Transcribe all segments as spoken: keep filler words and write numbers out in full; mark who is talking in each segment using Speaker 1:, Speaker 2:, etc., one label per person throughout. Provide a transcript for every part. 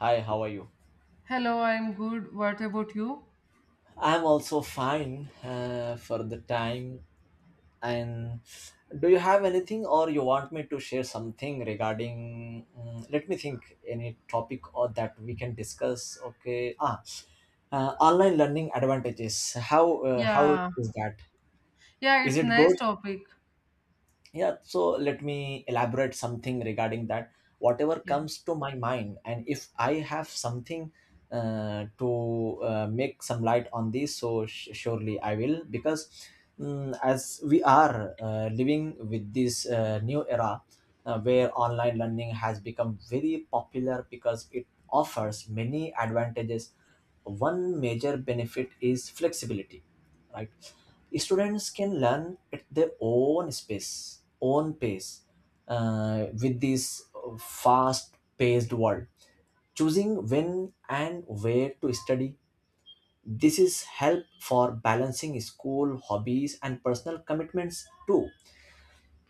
Speaker 1: Hi, how are you?
Speaker 2: Hello, I'm good. What about you?
Speaker 1: I'm also fine uh, for the time. And do you have anything, or you want me to share something regarding? Mm, let me think. Any topic or that we can discuss? Okay. Ah, uh, online learning advantages. How uh, how
Speaker 2: Yeah.
Speaker 1: is that?
Speaker 2: Yeah,
Speaker 1: Is
Speaker 2: it's
Speaker 1: it good?
Speaker 2: nice topic.
Speaker 1: Yeah, so let me elaborate something regarding that. Whatever
Speaker 2: Yeah.
Speaker 1: comes to my mind, and if I have something uh, to uh, make some light on this, so sh- surely I will. Because mm, as we are uh, living with this uh, new era uh, where online learning has become very popular because it offers many advantages, one major benefit is flexibility, right? Students can learn at their own space, own pace, uh, with this fast-paced world. Choosing when and where to study. This is help for balancing school, hobbies, and personal commitments too.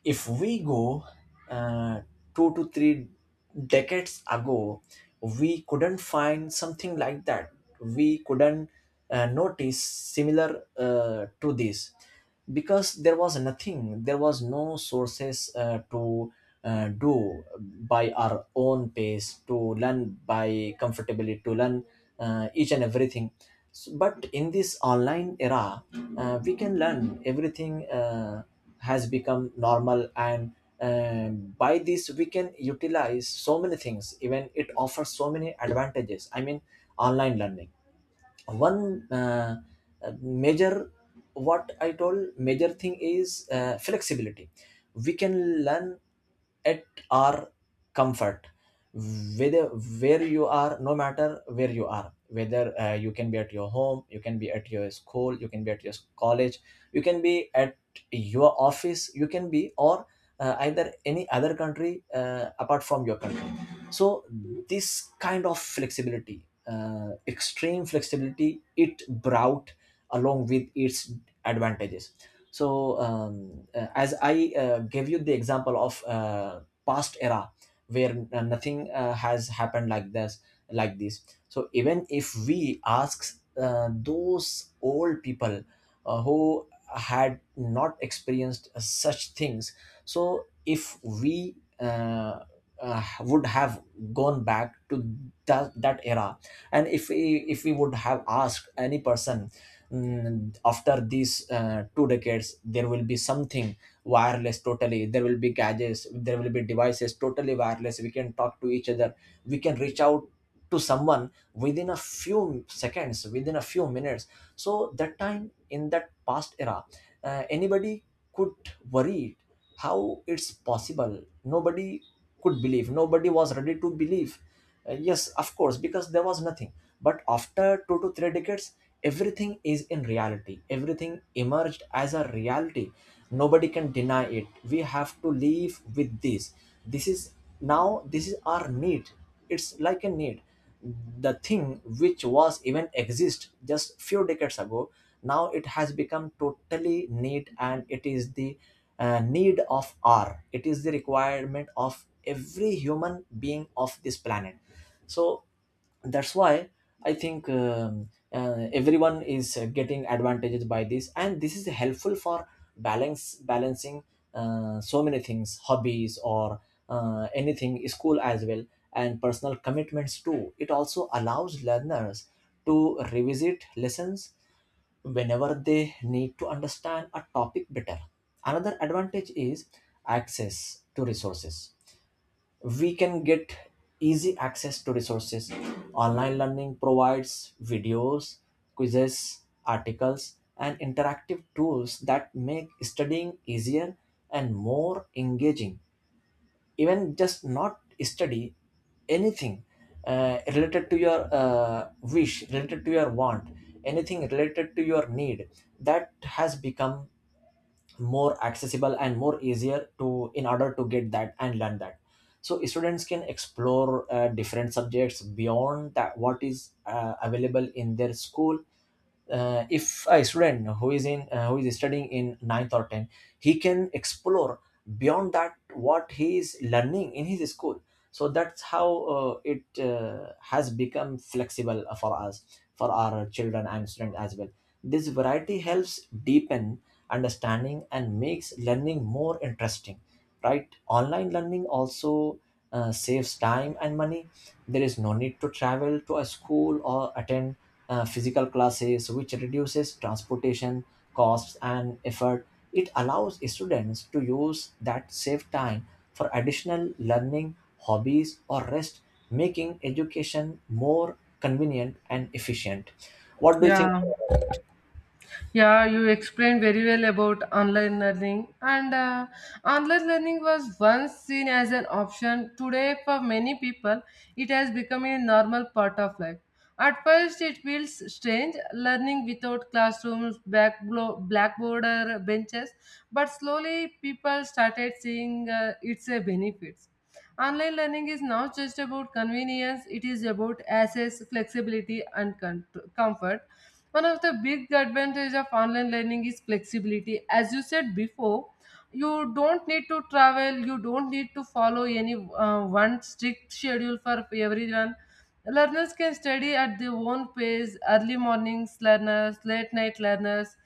Speaker 1: If we go uh, two to three decades ago, we couldn't find something like that. We couldn't uh, notice similar uh, to this, because there was nothing, there was no sources uh, to uh, do by our own pace, to learn by comfortability, to learn uh, each and everything. So, but in this online era, uh, we can learn everything. Uh, has become normal, and um, by this we can utilize so many things, even it offers so many advantages. I mean, online learning, one uh, uh, major, what i told major thing is uh, flexibility. We can learn at our comfort, whether where you are no matter where you are, whether uh, you can be at your home, you can be at your school, you can be at your college, you can be at your office, you can be, or uh, either any other country uh, apart from your country. So this kind of flexibility, uh, extreme flexibility, it brought along with its advantages. So um, uh, as I uh, gave you the example of uh, past era where uh, nothing uh, has happened like this like this So even if we ask uh, those old people uh, who had not experienced uh, such things, so if we uh, uh, would have gone back to that, that era, and if we if we would have asked any person, mm, after these uh, two decades there will be something wireless totally, there will be gadgets, there will be devices totally wireless, we can talk to each other, we can reach out to someone within a few seconds, within a few minutes. So that time, in that past era, uh, anybody could worry, how it's possible? Nobody could believe, nobody was ready to believe. Uh, yes, of course, because there was nothing. But after two to three decades, everything is in reality, everything emerged as a reality. Nobody can deny it, we have to live with this. This is now, this is our need. It's like a need. The thing which was even exist just few decades ago, now it has become totally need, and it is the uh, need of our. It is the requirement of every human being of this planet. So that's why I think um, uh, everyone is uh, getting advantages by this, and this is helpful for balance balancing uh, so many things, hobbies, or uh, anything, school as well, and personal commitments too. It also allows learners to revisit lessons whenever they need to understand a topic better. Another advantage is access to resources. We can get easy access to resources. Online learning provides videos, quizzes, articles, and interactive tools that make studying easier and more engaging. Even just not study anything uh, related to your uh, wish, related to your want, anything related to your need, that has become more accessible and more easier to, in order to get that and learn that. So students can explore uh, different subjects beyond that what is uh, available in their school. Uh, if a student who is in uh, who is studying in ninth or tenth, he can explore beyond that what he is learning in his school. So that's how uh, it uh, has become flexible for us, for our children and students as well. This variety helps deepen understanding and makes learning more interesting, right? Online learning also uh, saves time and money. There is no need to travel to a school or attend uh, physical classes, which reduces transportation costs and effort. It allows students to use that saved time for additional learning, hobbies, or rest, making education more convenient and efficient. What do you think
Speaker 2: Yeah.
Speaker 1: about it?
Speaker 2: Yeah, you explained very well about online learning, and uh, online learning was once seen as an option. Today, for many people, it has become a normal part of life. At first, it feels strange learning without classrooms, back blo- blackboard, or benches, but slowly people started seeing uh, its uh, benefits. Online learning is not just about convenience, it is about access, flexibility, and con- comfort. One of the big advantage of online learning is flexibility, as you said before. You don't need to travel, you don't need to follow any uh, one strict schedule for everyone. Learners can study at their own pace, early mornings learners, late night learners,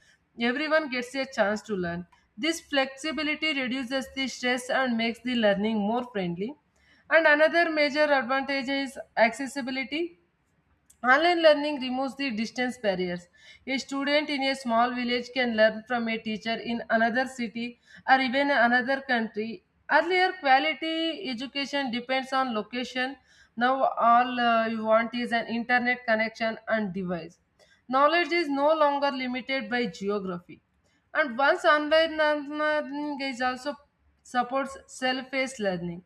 Speaker 2: everyone gets a chance to learn. This flexibility reduces the stress and makes the learning more friendly. And another major advantage is accessibility. Online learning removes the distance barriers. A student in a small village can learn from a teacher in another city or even another country. Earlier, quality education depends on location. Now, all uh, you want is an internet connection and device. Knowledge is no longer limited by geography. And once online learning is also supports self-paced learning.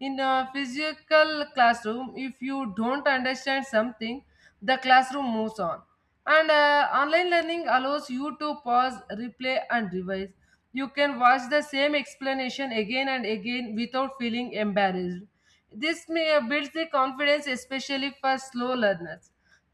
Speaker 2: In a physical classroom, if you don't understand something, the classroom moves on. And uh, online learning allows you to pause, replay, and revise. You can watch the same explanation again and again without feeling embarrassed. This may builds the confidence, especially for slow learners.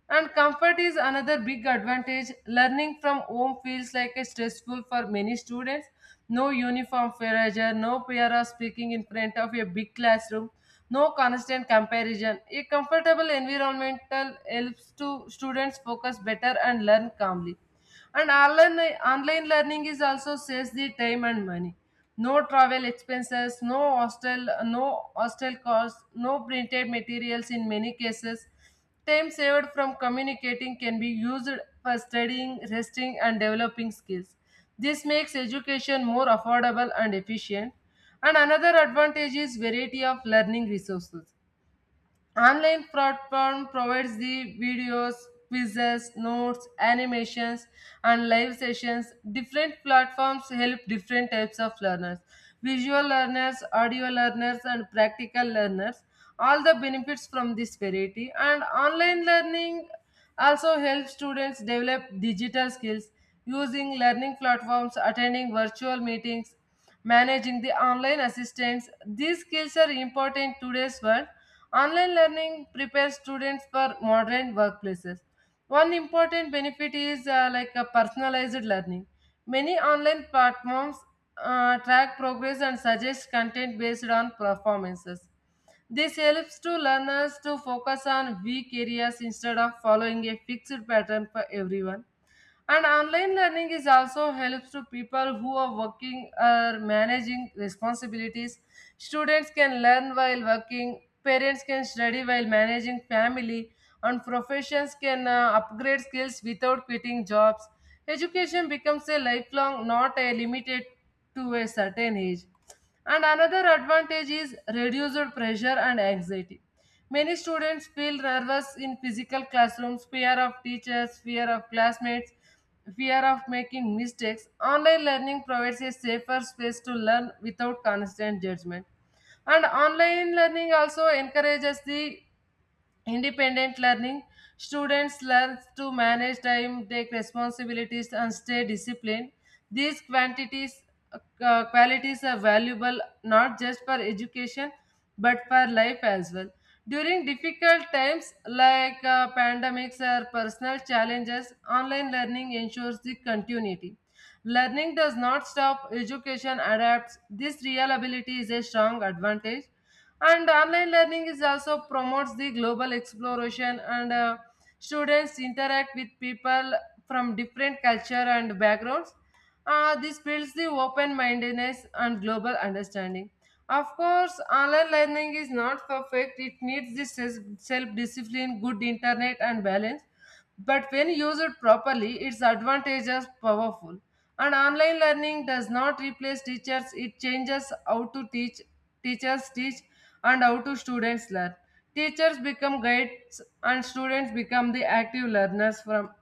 Speaker 2: And comfort is another big advantage. Learning from home feels like a stressful for many students. No uniform pressure, no fear of speaking in front of a big classroom, no constant comparison. A comfortable environmental helps to students focus better and learn calmly. And online, online learning is also saves the time and money. No travel expenses, no hostel, no hostel costs, no printed materials in many cases. Time saved from communicating can be used for studying, resting, and developing skills. This makes education more affordable and efficient. And another advantage is variety of learning resources. Online platform provides the videos, quizzes, notes, animations, and live sessions. Different platforms help different types of learners: visual learners, audio learners, and practical learners. All the benefits from this variety. And online learning also helps students develop digital skills, using learning platforms, attending virtual meetings, managing the online assistants. These skills are important in today's world. Online learning prepares students for modern workplaces. One important benefit is uh, like a personalized learning. Many online platforms uh, track progress and suggest content based on performances. This helps to learners to focus on weak areas instead of following a fixed pattern for everyone. And online learning is also helps to people who are working or managing responsibilities. Students can learn while working, parents can study while managing family, and professions can uh, upgrade skills without quitting jobs. Education becomes a lifelong, not a limited to a certain age. And another advantage is reduced pressure and anxiety. Many students feel nervous in physical classrooms, fear of teachers, fear of classmates, fear of making mistakes. Online learning provides a safer space to learn without constant judgment. And online learning also encourages the independent learning. Students learn to manage time, take responsibilities, and stay disciplined. These quantities, uh, qualities are valuable, not just for education but for life as well. During difficult times like uh, pandemics or personal challenges, online learning ensures the continuity. Learning does not stop, education adapts. This reliability is a strong advantage, and online learning is also promotes the global exploration, and uh, students interact with people from different culture and backgrounds. Uh, this builds the open mindedness and global understanding. Of course, online learning is not perfect, it needs this self discipline, good internet, and balance. But when used properly, its advantages powerful. And online learning does not replace teachers, it changes how to teach, teachers teach, and how to students learn. Teachers become guides, and students become the active learners from.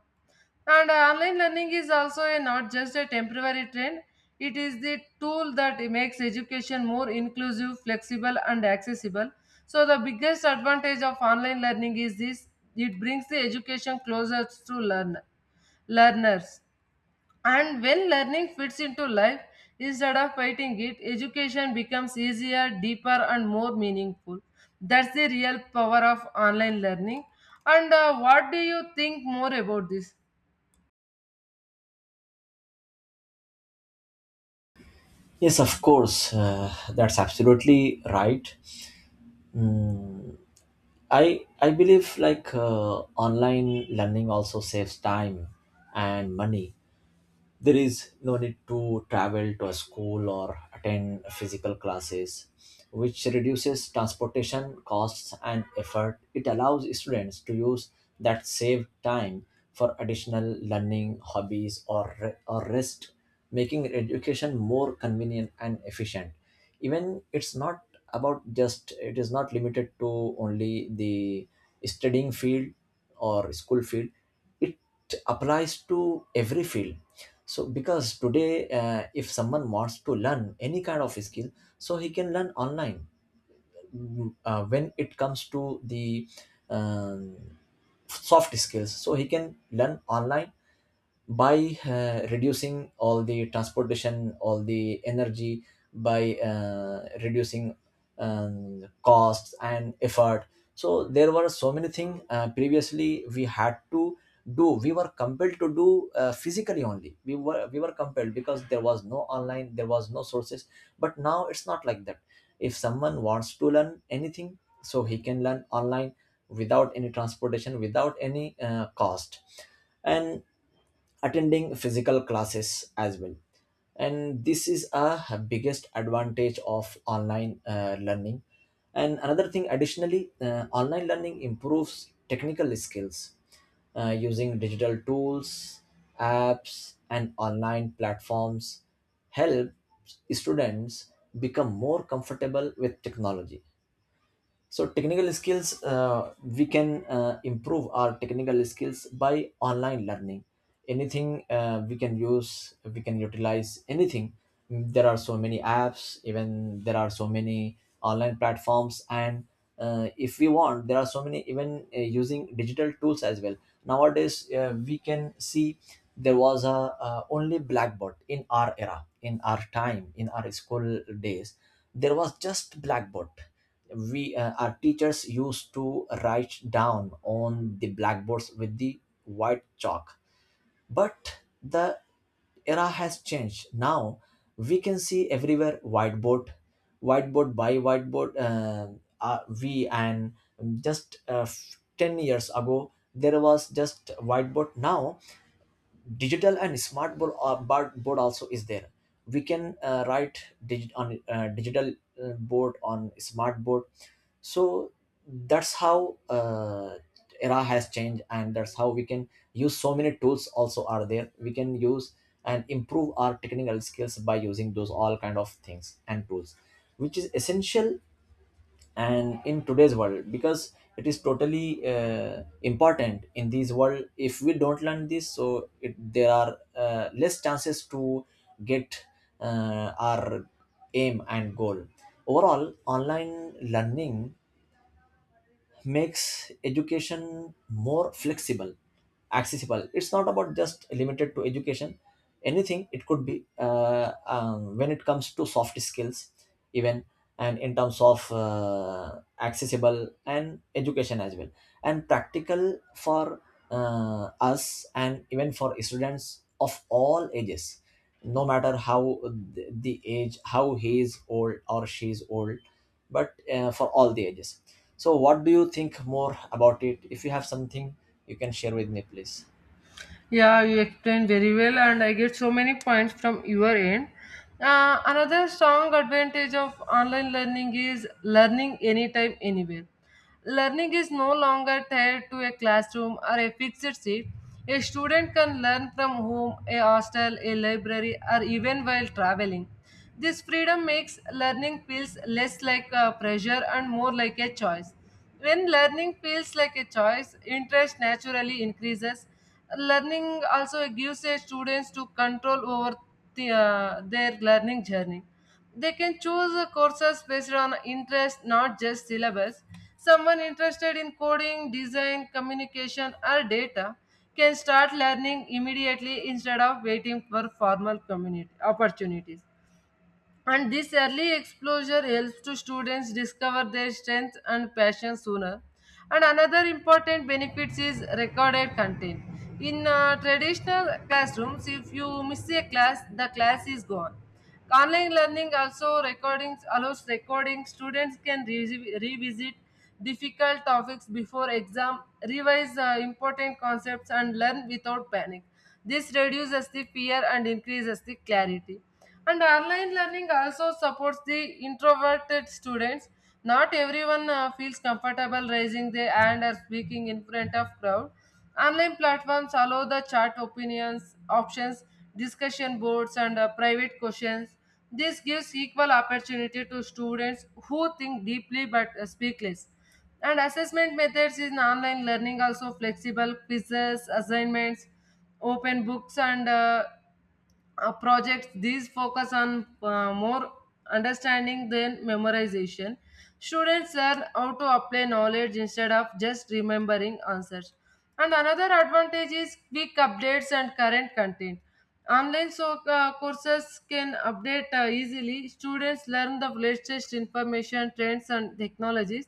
Speaker 2: And uh, online learning is also a, not just a temporary trend, it is the tool that makes education more inclusive, flexible, and accessible. So, the biggest advantage of online learning is this: it brings the education closer to learn, learners. And when learning fits into life, instead of fighting it, education becomes easier, deeper, and more meaningful. That's the real power of online learning. And uh, what do you think more about this?
Speaker 1: Yes, of course, uh, that's absolutely right. Mm, I I believe like uh, online learning also saves time and money. There is no need to travel to a school or attend physical classes, which reduces transportation costs and effort. It allows students to use that saved time for additional learning, hobbies, or, re- or rest, making education more convenient and efficient. Even it's not about just, it is not limited to only the studying field or school field. It applies to every field. So because today, uh, if someone wants to learn any kind of skill, so he can learn online. Mm, uh, when it comes to the um, soft skills, so he can learn online by uh, reducing all the transportation, all the energy, by uh, reducing um, costs and effort. So there were so many things uh, previously we had to do, we were compelled to do uh, physically only, we were we were compelled because there was no online, there was no sources. But now it's not like that. If someone wants to learn anything, so he can learn online without any transportation, without any uh, cost, and attending physical classes as well. And this is a biggest advantage of online uh, learning. And another thing, additionally, uh, online learning improves technical skills. Uh, using digital tools, apps and online platforms help students become more comfortable with technology. So technical skills, uh, we can uh, improve our technical skills by online learning. Anything uh, we can use, we can utilize anything. There are so many apps, even there are so many online platforms, and uh, if we want, there are so many, even uh, using digital tools as well. Nowadays uh, we can see, there was a uh, only blackboard in our era, in our time, in our school days. There was just blackboard. We uh, our teachers used to write down on the blackboards with the white chalk. But the era has changed now. We can see everywhere whiteboard, whiteboard by whiteboard, uh, uh, we, and just uh, ten years ago there was just whiteboard. Now digital and smart board, uh, bar- board also is there. We can uh, write digi- on uh, digital uh, board, on smart board. So that's how uh, era has changed, and that's how we can use, so many tools also are there, we can use and improve our technical skills by using those all kind of things and tools, which is essential and in today's world, because it is totally uh, important in this world. If we don't learn this, so it, there are uh, less chances to get uh, our aim and goal. Overall, online learning makes education more flexible, accessible. It's not about just limited to education, anything it could be, uh, um, when it comes to soft skills even, and in terms of uh, accessible and education as well, and practical for uh, us and even for students of all ages, no matter how, the the age, how he is old or she is old, but uh, for all the ages. So, what do you think more about it? If you have something, you can share with me, please.
Speaker 2: Yeah, you explained very well, and I get so many points from your end. Uh, another strong advantage of online learning is learning anytime, anywhere. Learning is no longer tied to a classroom or a fixed seat. A student can learn from home, a hostel, a library, or even while traveling. This freedom makes learning feels less like a pressure and more like a choice. When learning feels like a choice, interest naturally increases. Learning also gives a students to control over the, uh, their learning journey. They can choose uh, courses based on interest, not just syllabus. Someone interested in coding, design, communication, or data can start learning immediately instead of waiting for formal community opportunities. And this early exposure helps to students discover their strengths and passion sooner. And another important benefit is recorded content. In uh, traditional classrooms, if you miss a class, the class is gone. Online learning also recordings allows recording. Students can re- revisit difficult topics before exam, revise uh, important concepts, and learn without panic. This reduces the fear and increases the clarity. And online learning also supports the introverted students. Not everyone uh, feels comfortable raising their hand or speaking in front of crowd. Online platforms allow the chat opinions, options, discussion boards, and uh, private questions. This gives equal opportunity to students who think deeply but uh, speak less. And assessment methods in online learning also flexible quizzes, assignments, open books, and uh, uh, projects. These focus on uh, more understanding than memorization. Students learn how to apply knowledge instead of just remembering answers. And another advantage is quick updates and current content. Online, so uh, courses can update uh, easily. Students learn the latest information, trends, and technologies.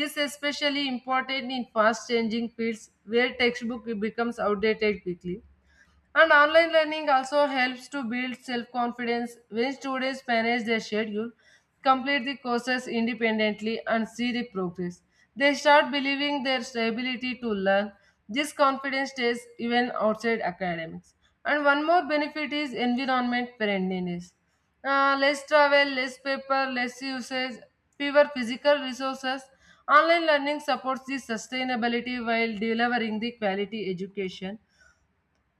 Speaker 2: This is especially important in fast changing fields where textbook becomes outdated quickly. And online learning also helps to build self confidence when students manage their schedule, complete the courses independently, and see the progress. They start believing their ability to learn. This confidence stays even outside academics. And one more benefit is environment friendliness. Uh, less travel, less paper, less usage, fewer physical resources. Online learning supports the sustainability while delivering the quality education.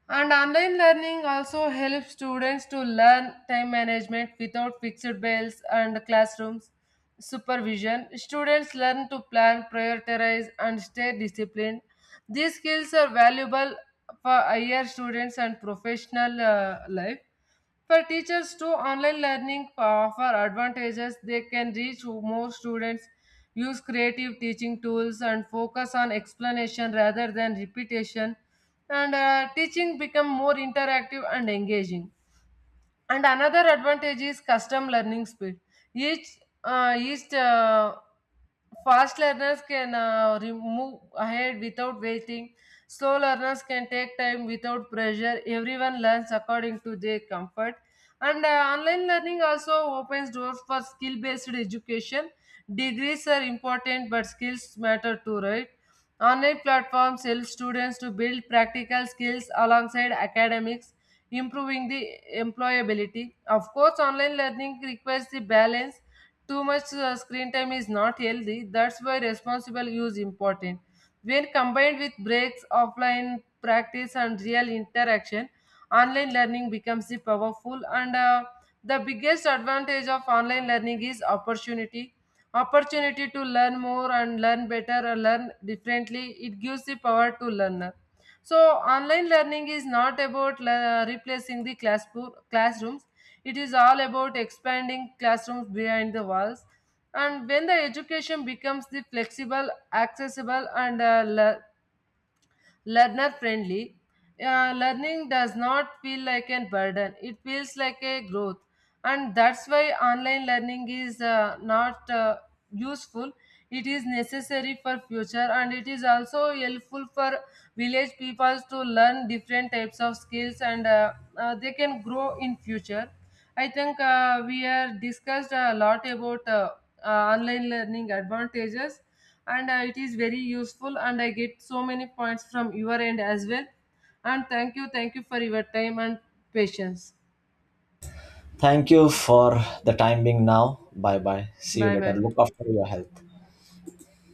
Speaker 2: And online learning also helps students to learn time management without fixed bells and classrooms supervision. Students learn to plan, prioritize, and stay disciplined. These skills are valuable for higher students and professional uh, life. For teachers too, online learning uh, offer advantages. They can reach more students, use creative teaching tools, and focus on explanation rather than repetition. And uh, teaching become more interactive and engaging. And another advantage is custom learning speed. Each uh, each uh, fast learners can uh, re- move ahead without waiting. Slow learners can take time without pressure. Everyone learns according to their comfort. And uh, online learning also opens doors for skill based education. Degrees are important, but skills matter too, right? Online platforms help students to build practical skills alongside academics, improving the employability. Of course, online learning requires the balance. Too much uh, screen time is not healthy. That's why responsible use important. When combined with breaks, offline practice, and real interaction, online learning becomes the powerful. And uh, the biggest advantage of online learning is opportunity. Opportunity to learn more and learn better or learn differently. It gives the power to learner. So online learning is not about le- uh, replacing the class classrooms. It is all about expanding classrooms behind the walls. And when the education becomes the flexible, accessible, and uh, le- learner friendly, uh, learning does not feel like a burden, it feels like a growth. And that's why online learning is uh, not uh, useful, it is necessary for future. And it is also helpful for village peoples to learn different types of skills, and uh, uh, they can grow in future. I think uh, we have discussed a lot about uh, uh, online learning advantages, and uh, it is very useful. And I get so many points from your end as well. And thank you, thank you for your time and patience.
Speaker 1: Thank you for the time being now. Bye bye. See you
Speaker 2: Bye
Speaker 1: later.
Speaker 2: bye.
Speaker 1: Look after your health.